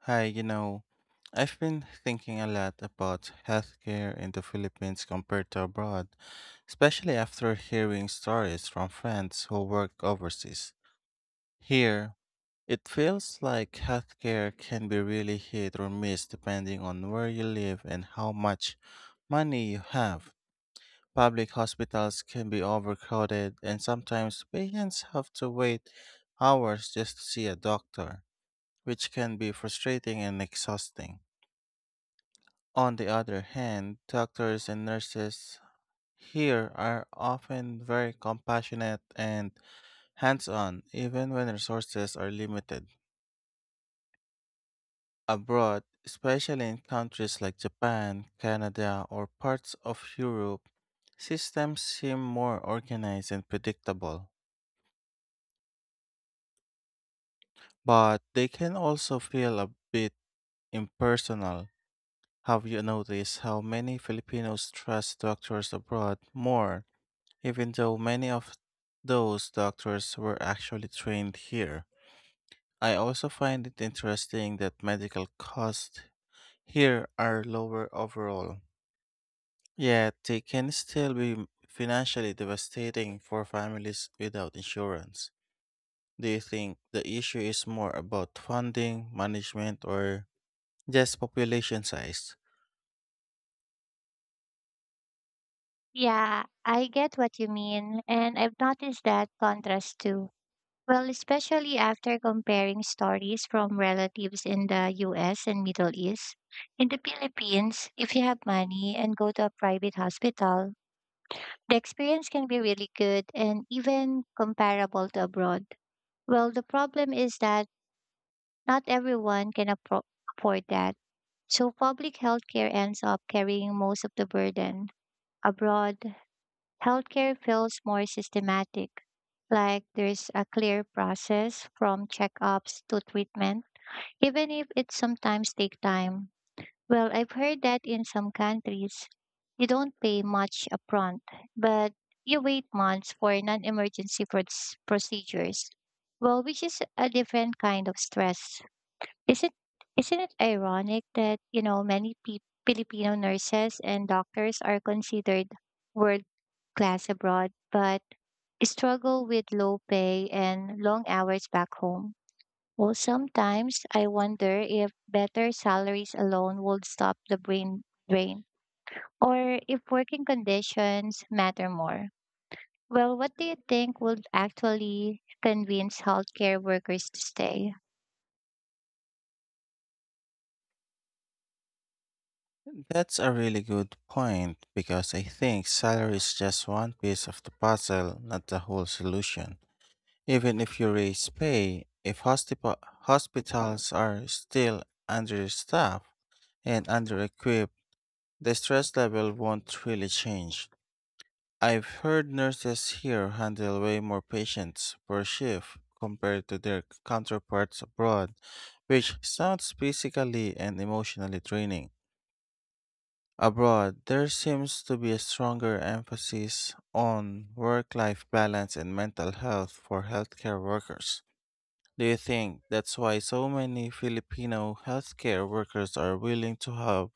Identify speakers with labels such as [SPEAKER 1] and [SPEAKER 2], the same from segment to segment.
[SPEAKER 1] Hi, you know, I've been thinking a lot about healthcare in the Philippines compared to abroad, especially after hearing stories from friends who work overseas. Here, it feels like healthcare can be really hit or miss depending on where you live and how much money you have. Public hospitals can be overcrowded, and sometimes patients have to wait hours just to see a doctor, which can be frustrating and exhausting. On the other hand, doctors and nurses here are often very compassionate and hands on, even when resources are limited. Abroad, especially in countries like Japan, Canada, or parts of Europe, systems seem more organized and predictable, but they can also feel a bit impersonal. Have you noticed how many Filipinos trust doctors abroad more? Even though many of those doctors were actually trained here, I also find it interesting that medical costs here are lower overall. Yet they can still be financially devastating for families without insurance. Do you think the issue is more about funding, management, or just population size?
[SPEAKER 2] Yeah, I get what you mean, and I've noticed that contrast too. Especially after comparing stories from relatives in the US and Middle East. In the Philippines, if you have money and go to a private hospital, the experience can be really good and even comparable to abroad. Well, the problem is that not everyone can appro- afford that. So public healthcare ends up carrying most of the burden abroad. Healthcare feels more systematic, like there's a clear process from checkups to treatment, even if it sometimes take time. I've heard that in some countries, you don't pay much upfront, but you wait months for non-emergency procedures. Well, which is a different kind of stress. Isn't isn't it ironic that Filipino nurses and doctors are considered world class abroad, but struggle with low pay and long hours back home? Well, sometimes I wonder if better salaries alone would stop the brain drain, or if working conditions matter more. Well, what do you think would actually convince healthcare workers to stay?
[SPEAKER 1] That's a really good point because I think salary is just one piece of the puzzle, not the whole solution. Even if you raise pay, if hospitals are still understaffed and under-equipped, the stress level won't really change. I've heard nurses here handle way more patients per shift compared to their counterparts abroad, which sounds physically and emotionally draining. Abroad, there seems to be a stronger emphasis on work life balance and mental health for healthcare workers. Do you think that's why so many Filipino healthcare workers are willing to have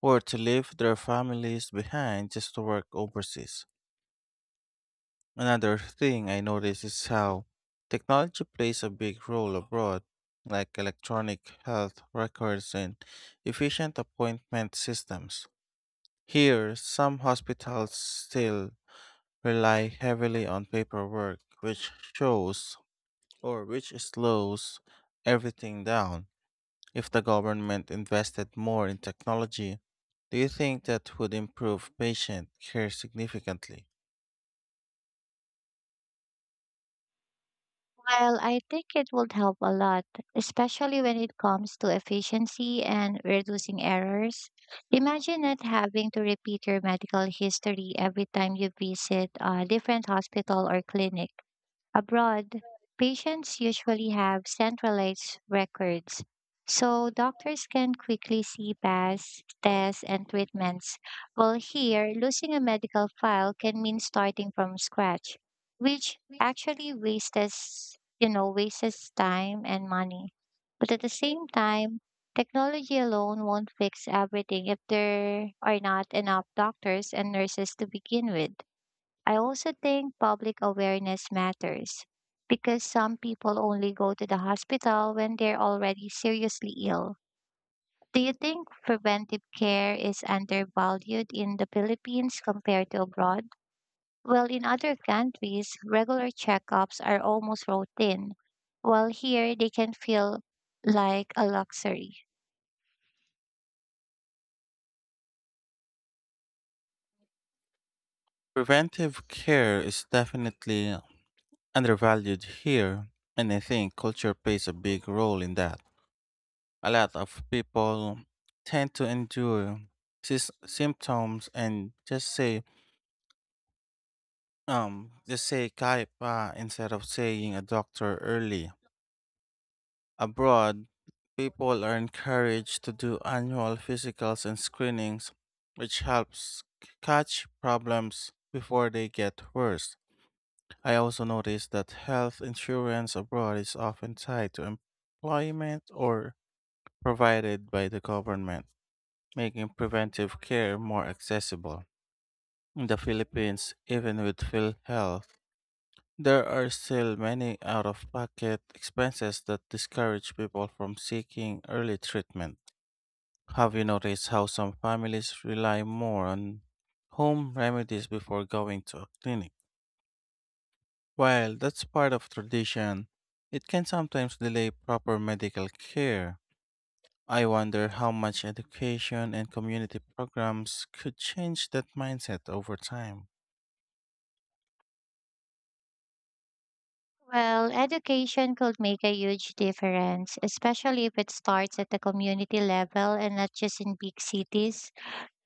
[SPEAKER 1] or to leave their families behind just to work overseas? Another thing I notice is how technology plays a big role abroad, like electronic health records and efficient appointment systems. Here, some hospitals still rely heavily on paperwork, which shows or which slows everything down. If the government invested more in technology, do you think that would improve patient care significantly?
[SPEAKER 2] While I think it would help a lot, especially when it comes to efficiency and reducing errors, imagine not having to repeat your medical history every time you visit a different hospital or clinic. Abroad, patients usually have centralized records, so doctors can quickly see past tests and treatments. While here, losing a medical file can mean starting from scratch, which actually wastes time and money. But at the same time, technology alone won't fix everything if there are not enough doctors and nurses to begin with. I also think public awareness matters because some people only go to the hospital when they're already seriously ill. Do you think preventive care is undervalued in the Philippines compared to abroad? Well, in other countries, regular checkups are almost routine, while here they can feel like a luxury.
[SPEAKER 1] Preventive care is definitely undervalued here, and I think culture plays a big role in that. A lot of people tend to endure symptoms and just say kaipa instead of saying a doctor early. Abroad, people are encouraged to do annual physicals and screenings, which helps catch problems before they get worse. I also noticed that health insurance abroad is often tied to employment or provided by the government, making preventive care more accessible. In the Philippines, even with PhilHealth, there are still many out of pocket expenses that discourage people from seeking early treatment. Have you noticed how some families rely more on home remedies before going to a clinic? While that's part of tradition, it can sometimes delay proper medical care. I wonder how much education and community programs could change that mindset over time.
[SPEAKER 2] Well, education could make a huge difference, especially if it starts at the community level and not just in big cities.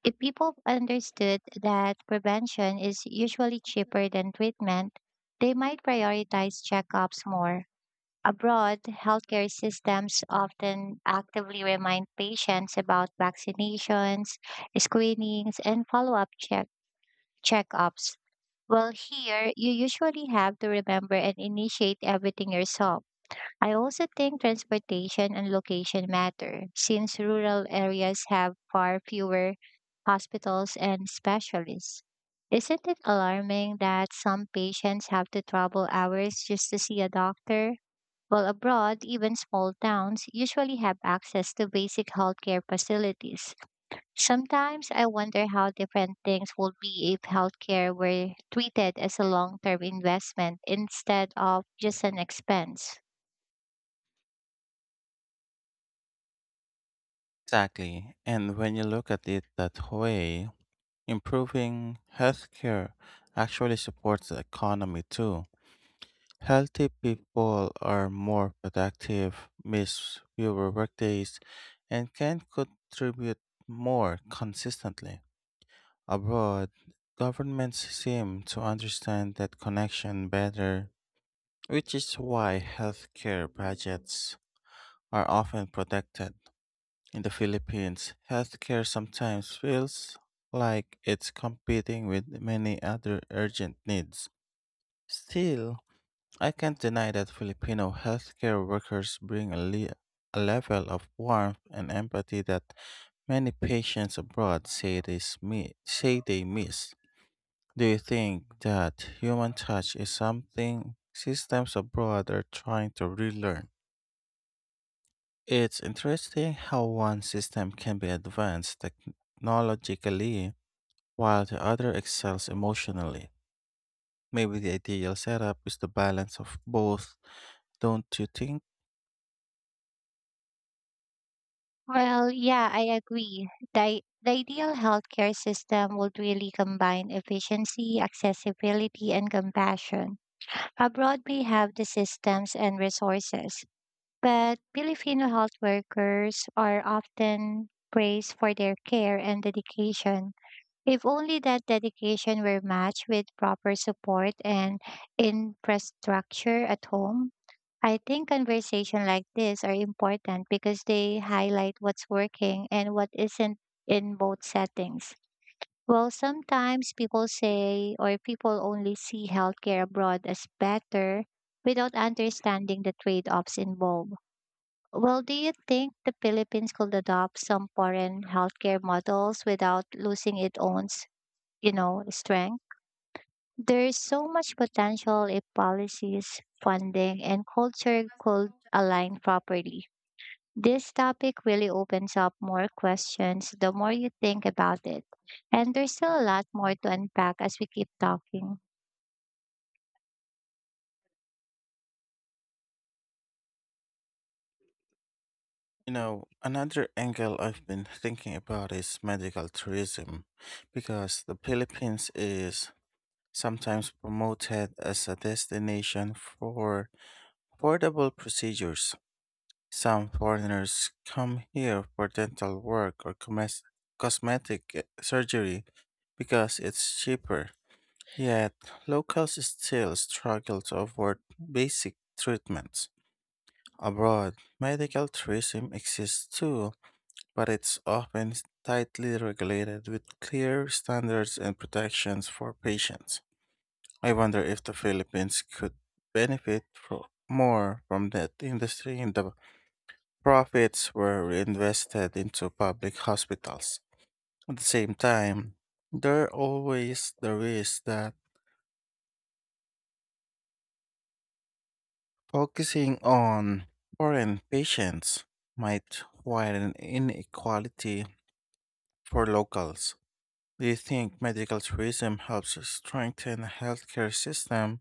[SPEAKER 2] If people understood that prevention is usually cheaper than treatment, they might prioritize checkups more. Abroad, healthcare systems often actively remind patients about vaccinations, screenings, and checkups. Here, you usually have to remember and initiate everything yourself. I also think transportation and location matter, since rural areas have far fewer hospitals and specialists. Isn't it alarming that some patients have to travel hours just to see a doctor? While abroad, even small towns usually have access to basic healthcare facilities. Sometimes I wonder how different things would be if healthcare were treated as a long term investment instead of just an expense.
[SPEAKER 1] Exactly. And when you look at it that way, improving healthcare actually supports the economy too. Healthy people are more productive, miss fewer workdays, and can contribute more consistently. Abroad, governments seem to understand that connection better, which is why healthcare budgets are often protected. In the Philippines, healthcare sometimes feels like it's competing with many other urgent needs. Still, I can't deny that Filipino healthcare workers bring a level of warmth and empathy that many patients abroad say say they miss. Do you think that human touch is something systems abroad are trying to relearn? It's interesting how one system can be advanced technologically while the other excels emotionally. Maybe the ideal setup is the balance of both, don't you think?
[SPEAKER 2] Well, yeah, I agree. The ideal healthcare system would really combine efficiency, accessibility, and compassion. Abroad, we have the systems and resources, but Filipino health workers are often praised for their care and dedication. If only that dedication were matched with proper support and infrastructure at home, I think conversation like this are important because they highlight what's working and what isn't in both settings. Well, sometimes people say or people only see healthcare abroad as better without understanding the trade-offs involved. Well, do you think the Philippines could adopt some foreign healthcare models without losing its own, s- you know, strength? There is so much potential if policies, funding, and culture could align properly. This topic really opens up more questions the more you think about it. And there's still a lot more to unpack as we keep talking.
[SPEAKER 1] Another angle I've been thinking about is medical tourism, because the Philippines is sometimes promoted as a destination for affordable procedures. Some foreigners come here for dental work or cosmetic surgery because it's cheaper. Yet, locals still struggle to afford basic treatments. Abroad, medical tourism exists too, but it's often tightly regulated with clear standards and protections for patients. I wonder if the Philippines could benefit more from that industry and the profits were reinvested into public hospitals. At the same time, there are always the risk that focusing on foreign patients might widen inequality for locals. Do you think medical tourism helps strengthen the healthcare system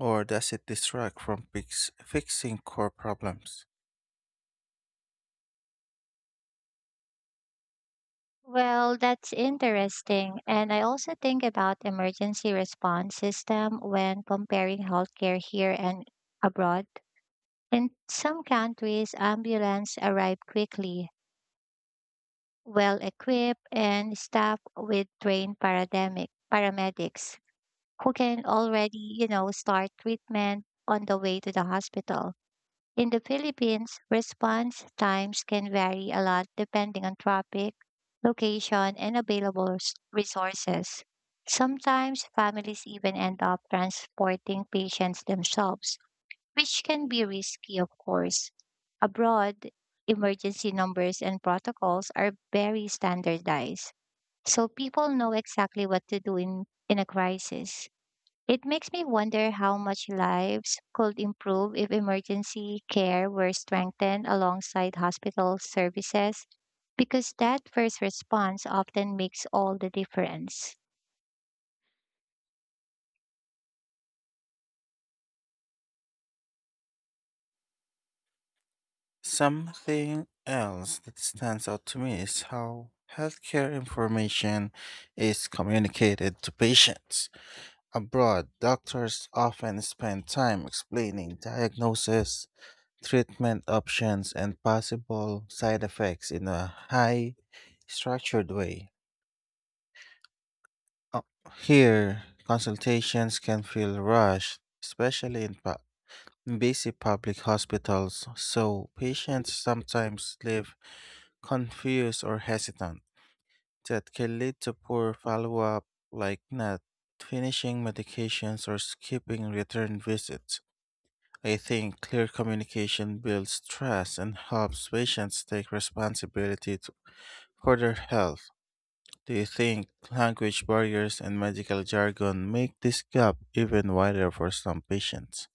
[SPEAKER 1] or does it distract from fixing core problems?
[SPEAKER 2] Well, that's interesting. And I also think about emergency response system when comparing healthcare here and abroad. In some countries, ambulance arrive quickly well equipped and staffed with trained paramedics who can start treatment on the way to the hospital. In the Philippines, response times can vary a lot depending on traffic, location, and resources. Sometimes families even end up transporting patients themselves which can be risky, of course. Abroad, emergency numbers and protocols are very standardized, so people know exactly what to do in a crisis. It makes me wonder how much lives could improve if emergency care were strengthened alongside hospital services, because that first response often makes all the difference.
[SPEAKER 1] Something else that stands out to me is how healthcare information is communicated to patients. Abroad, doctors often spend time explaining diagnosis, treatment options, and possible side effects in a high structured way. Uh, Here, consultations can feel rushed, especially in busy public hospitals, so patients sometimes leave confused or hesitant. That can lead to poor follow up, like not finishing medications or skipping return visits. I think clear communication builds trust and helps patients take responsibility for their health. Do you think language barriers and medical jargon make this gap even wider for some patients?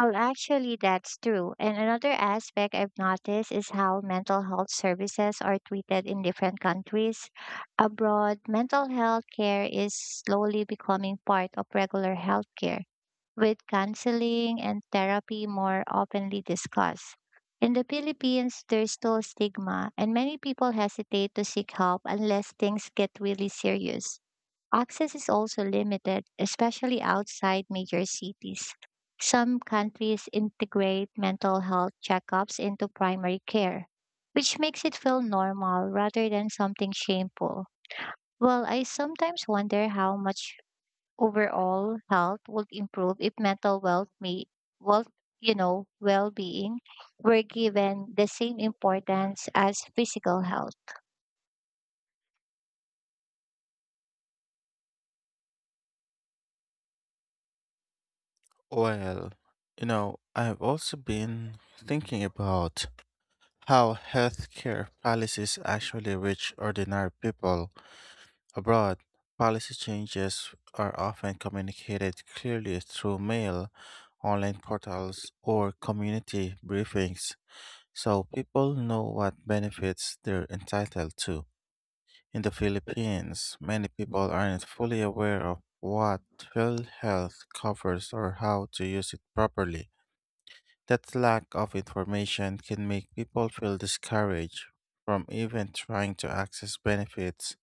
[SPEAKER 2] Well, actually, that's true. And another aspect I've noticed is how mental health services are treated in different countries. Abroad, mental health care is slowly becoming part of regular health care, with counseling and therapy more openly discussed. In the Philippines, there's still stigma, and many people hesitate to seek help unless things get really serious. Access is also limited, especially outside major cities. Some countries integrate mental health checkups into primary care, which makes it feel normal rather than something shameful. Well, I sometimes wonder how much overall health would improve if mental wealth me well you know well-being were given the same importance as physical health.
[SPEAKER 1] Well, I've also been thinking about how healthcare policies actually reach ordinary people abroad. Policy changes are often communicated clearly through mail, online portals, or community briefings, so people know what benefits they're entitled to. In the Philippines, many people aren't fully aware of what PhilHealth covers or how to use it properly. That lack of information can make people feel discouraged from even trying to access benefits.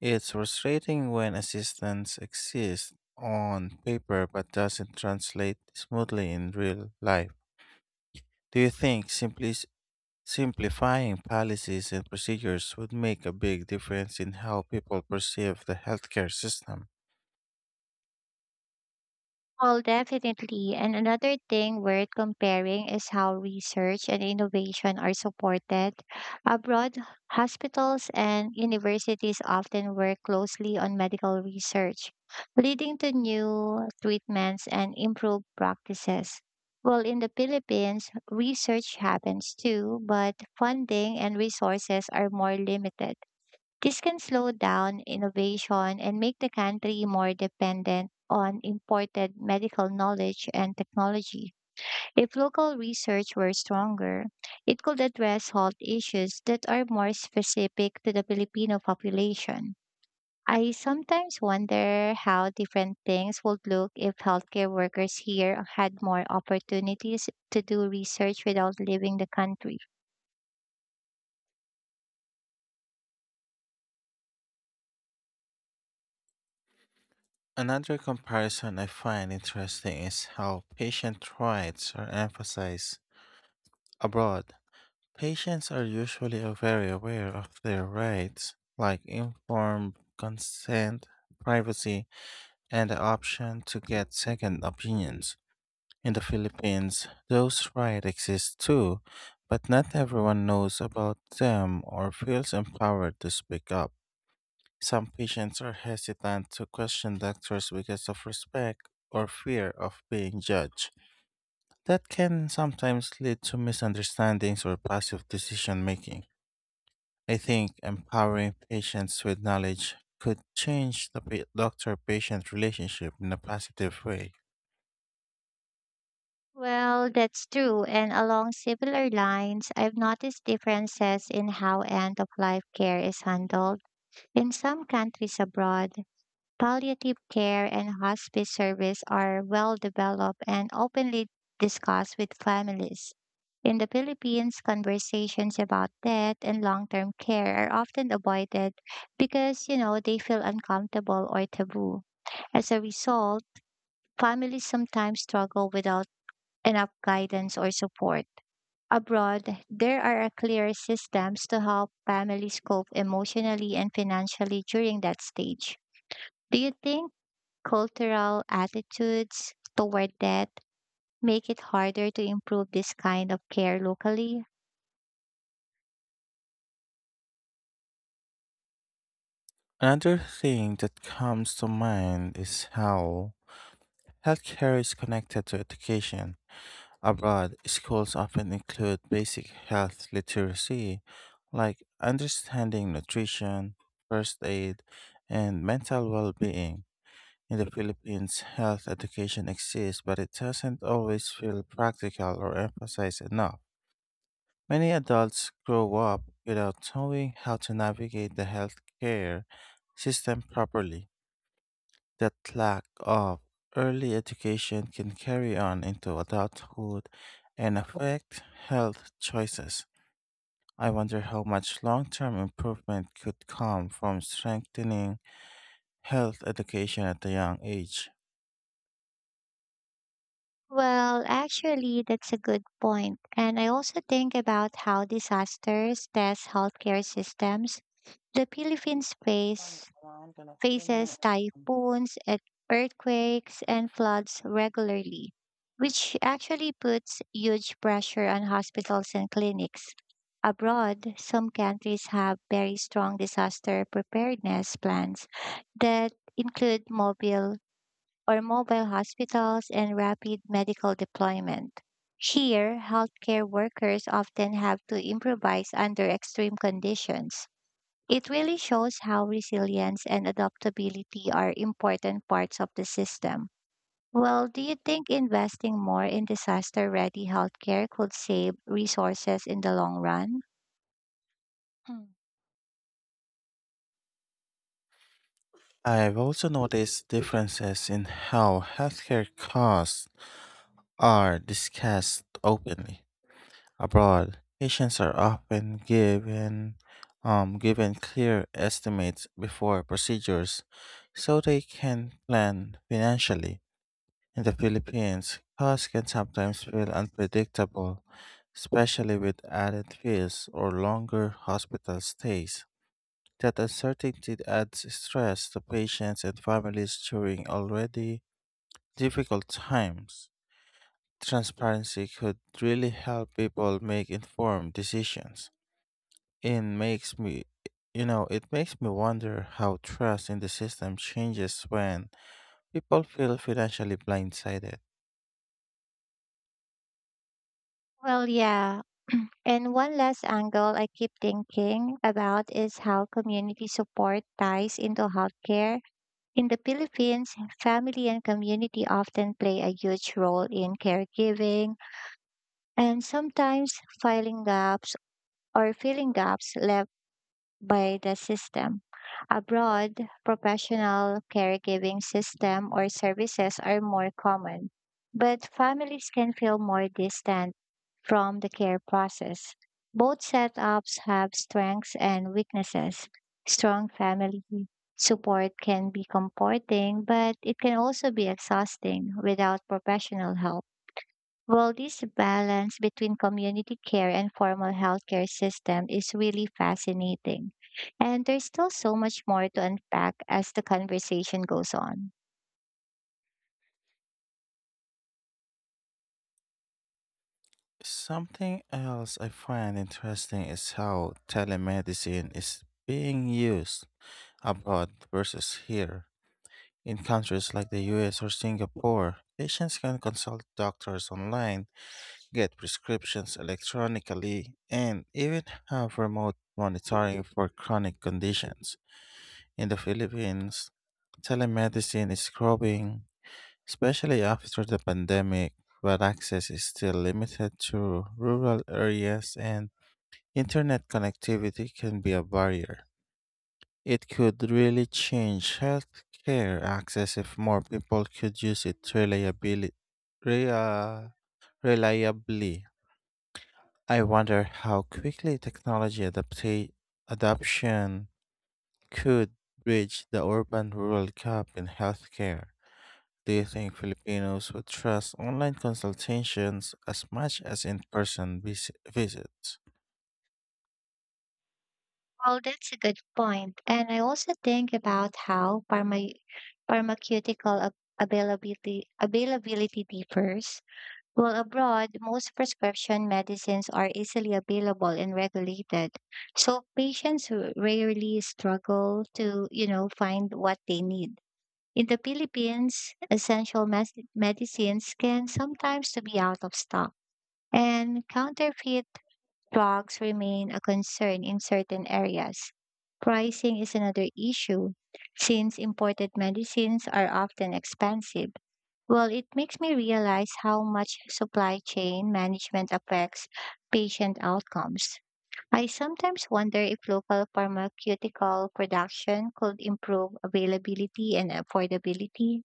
[SPEAKER 1] It's frustrating when assistance exists on paper but doesn't translate smoothly in real life. Do you think simplicity simplifying policies and procedures would make a big difference in how people perceive the healthcare system?
[SPEAKER 2] Well, definitely. And another thing worth comparing is how research and innovation are supported. Abroad, hospitals and universities often work closely on medical research, leading to new treatments and improved practices. Well, in the Philippines, research happens too, but funding and resources are more limited. This can slow down innovation and make the country more dependent on imported medical knowledge and technology. If local research were stronger, it could address health issues that are more specific to the Filipino population. I sometimes wonder how different things would look if healthcare workers here had more opportunities to do research without leaving the country.
[SPEAKER 1] Another comparison I find interesting is how patient rights are emphasized abroad. Patients are usually very aware of their rights, like informed consent, privacy, and the option to get second opinions. In the Philippines, those rights exist too, but not everyone knows about them or feels empowered to speak up. Some patients are hesitant to question doctors because of respect or fear of being judged. That can sometimes lead to misunderstandings or passive decision making. I think empowering patients with knowledge could change the doctor patient relationship in a positive way.
[SPEAKER 2] Well, that's true. And along similar lines, I've noticed differences in how end of life care is handled. In some countries abroad, palliative care and hospice service are well developed and openly discussed with families. In the Philippines, conversations about death and long term care are often avoided because they feel uncomfortable or taboo. As a result, families sometimes struggle without enough guidance or support. Abroad, there are clear systems to help families cope emotionally and financially during that stage. Do you think cultural attitudes toward debt make it harder to improve this kind of care locally?
[SPEAKER 1] Another thing that comes to mind is how healthcare is connected to education. Abroad, schools often include basic health literacy, like understanding nutrition, first aid, and mental well being. In the Philippines, health education exists, but it doesn't always feel practical or emphasized enough. Many adults grow up without knowing how to navigate the healthcare system properly. That lack of early education can carry on into adulthood and affect health choices. I wonder how much long term improvement could come from strengthening health education at a young age.
[SPEAKER 2] Well, actually, that's a good point. And I also think about how disasters test healthcare systems. The Philippines face faces typhoons, earthquakes, and floods regularly, which actually puts huge pressure on hospitals and clinics. Abroad, some countries have very strong disaster preparedness plans that include mobile hospitals and rapid medical deployment. Here, healthcare workers often have to improvise under extreme conditions it really shows how resilience and adaptability are important parts of the system. Well, do you think investing more in disaster ready healthcare could save resources in the long run? Hmm.
[SPEAKER 1] I've also noticed differences in how healthcare costs are discussed openly. Abroad, patients are often given clear estimates before procedures so they can plan financially. In the Philippines, costs can sometimes feel unpredictable, especially with added fees or longer hospital stays. That uncertainty adds stress to patients and families during already difficult times. Transparency could really help people make informed decisions. And makes me, you know, it makes me wonder how trust in the system changes when people feel financially blindsided.
[SPEAKER 2] Well, yeah. And one last angle I keep thinking about is how community support ties into healthcare. In the Philippines, family and community often play a huge role in caregiving and sometimes filing gaps or filling gaps left by the system. Abroad, professional caregiving system or services are more common, but families can feel more distant from the care process. Both setups have strengths and weaknesses. Strong family support can be comforting, but it can also be exhausting without professional help. Well, this balance between community care and formal healthcare system is really fascinating. And there's still so much more to unpack as the conversation goes on.
[SPEAKER 1] Something else I find interesting is how telemedicine is being used abroad versus here. In countries like the US or Singapore, patients can consult doctors online, get prescriptions electronically, and even have remote monitoring for chronic conditions. In the Philippines, telemedicine is growing, especially after the pandemic, but access is still limited to rural areas and internet connectivity can be a barrier. It could really change healthcare access if more people could use it rea- reliably. I wonder how quickly technology adoption could bridge the urban rural gap in healthcare. Do you think Filipinos would trust online consultations as much as in person visits?
[SPEAKER 2] Well, that's a good point. And I also think about how pharmaceutical availability differs. Well, abroad, most prescription medicines are easily available and regulated. So patients rarely struggle to, find what they need. In the Philippines, medicines can sometimes be out of stock, and counterfeit drugs remain a concern in certain areas. Pricing is another issue, since imported medicines are often expensive. Well, it makes me realize how much supply chain management affects patient outcomes. I sometimes wonder if local pharmaceutical production could improve availability and affordability.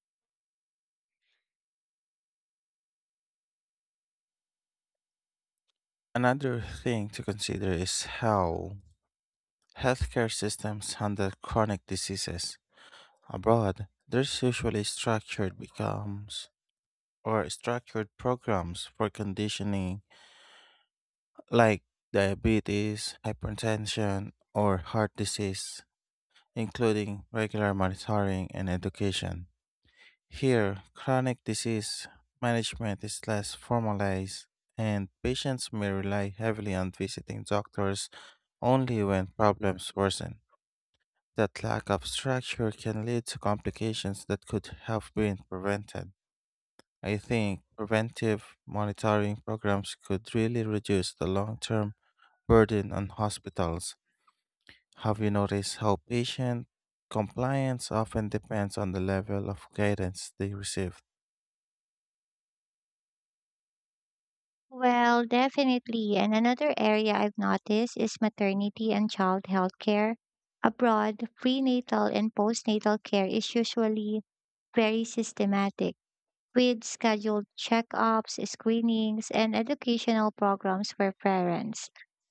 [SPEAKER 1] Another thing to consider is how healthcare systems handle chronic diseases. Abroad, there's usually structured becomes or structured programs for conditioning like diabetes, hypertension, or heart disease, including regular monitoring and education. Here, chronic disease management is less formalized, and patients may rely heavily on visiting doctors only when problems worsen. That lack of structure can lead to complications that could have been prevented. I think preventive monitoring programs could really reduce the long term burden on hospitals. Have you noticed how patient compliance often depends on the level of guidance they receive?
[SPEAKER 2] Well, definitely. And another area I've noticed is maternity and child health care. Abroad, prenatal and postnatal care is usually very systematic with scheduled checkups, screenings, and educational programs for parents.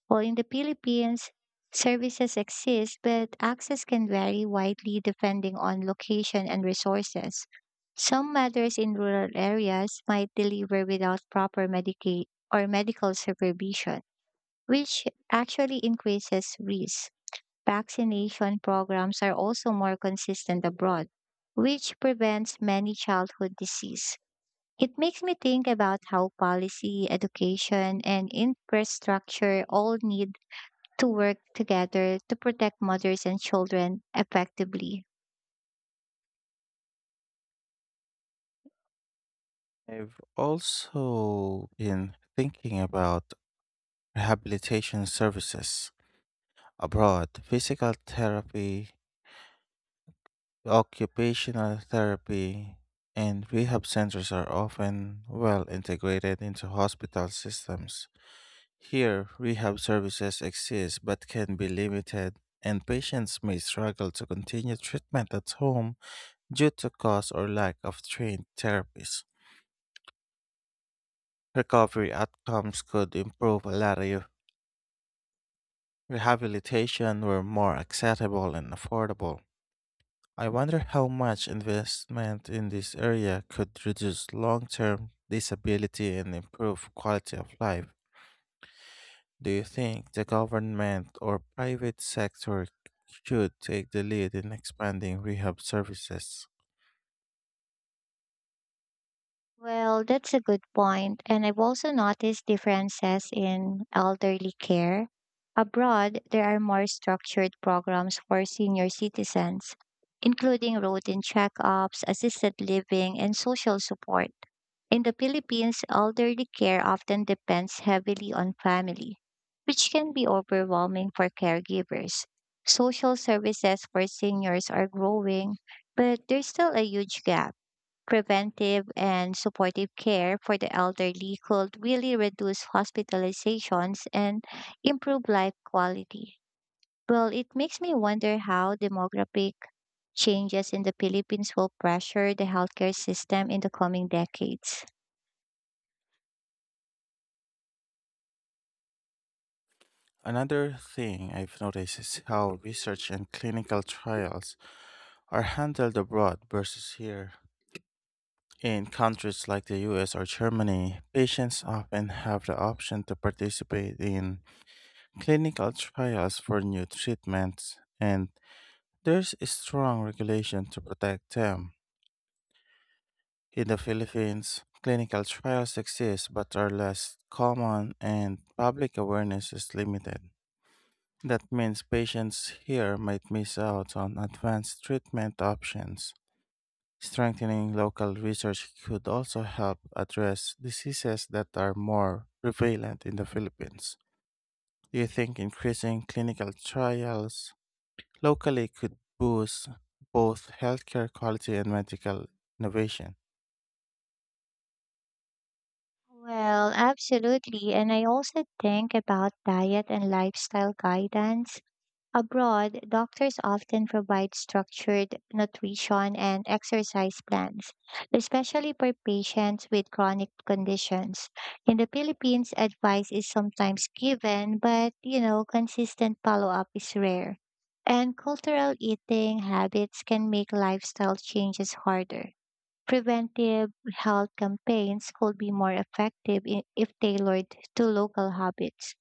[SPEAKER 2] While in the Philippines, services exist, but access can vary widely depending on location and resources. Some mothers in rural areas might deliver without proper Medicaid or medical supervision, which actually increases risk. Vaccination programs are also more consistent abroad, which prevents many childhood disease. It makes me think about how policy, education, and infrastructure all need to work together to protect mothers and children effectively.
[SPEAKER 1] I've also been thinking about rehabilitation services abroad. Physical therapy, occupational therapy, and rehab centers are often well integrated into hospital systems. Here, rehab services exist but can be limited, and patients may struggle to continue treatment at home due to cost or lack of trained therapies. Recovery outcomes could improve a lot if rehabilitation were more accessible and affordable. I wonder how much investment in this area could reduce long term disability and improve quality of life. Do you think the government or private sector should take the lead in expanding rehab services?
[SPEAKER 2] Well, that's a good point, and I've also noticed differences in elderly care. Abroad, there are more structured programs for senior citizens, including routine checkups, assisted living, and social support. In the Philippines, elderly care often depends heavily on family, which can be overwhelming for caregivers. Social services for seniors are growing, but there's still a huge gap. Preventive and supportive care for the elderly could really reduce hospitalizations and improve life quality. Well, it makes me wonder how demographic changes in the Philippines will pressure the healthcare system in the coming decades.
[SPEAKER 1] Another thing I've noticed is how research and clinical trials are handled abroad versus here. In countries like the US or Germany, patients often have the option to participate in clinical trials for new treatments, and there's a strong regulation to protect them. In the Philippines, clinical trials exist but are less common and public awareness is limited. That means patients here might miss out on advanced treatment options. Strengthening local research could also help address diseases that are more prevalent in the Philippines. Do you think increasing clinical trials locally could boost both healthcare quality and medical innovation?
[SPEAKER 2] Well, absolutely. And I also think about diet and lifestyle guidance. Abroad, doctors often provide structured nutrition and exercise plans, especially for patients with chronic conditions. In the Philippines, advice is sometimes given, but, consistent follow-up is rare. And cultural eating habits can make lifestyle changes harder. Preventive health campaigns could be more effective if tailored to local habits.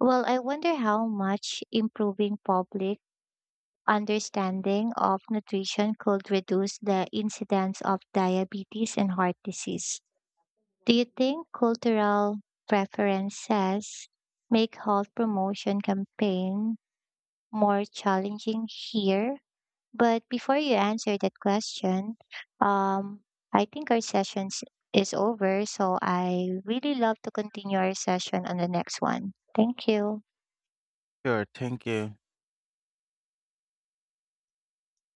[SPEAKER 2] Well, I wonder how much improving public understanding of nutrition could reduce the incidence of diabetes and heart disease. Do you think cultural preferences make health promotion campaign more challenging here but before you answer that question, um, I think our session is over. So I really love to continue our session on the next one. Thank you.
[SPEAKER 1] Sure, thank you.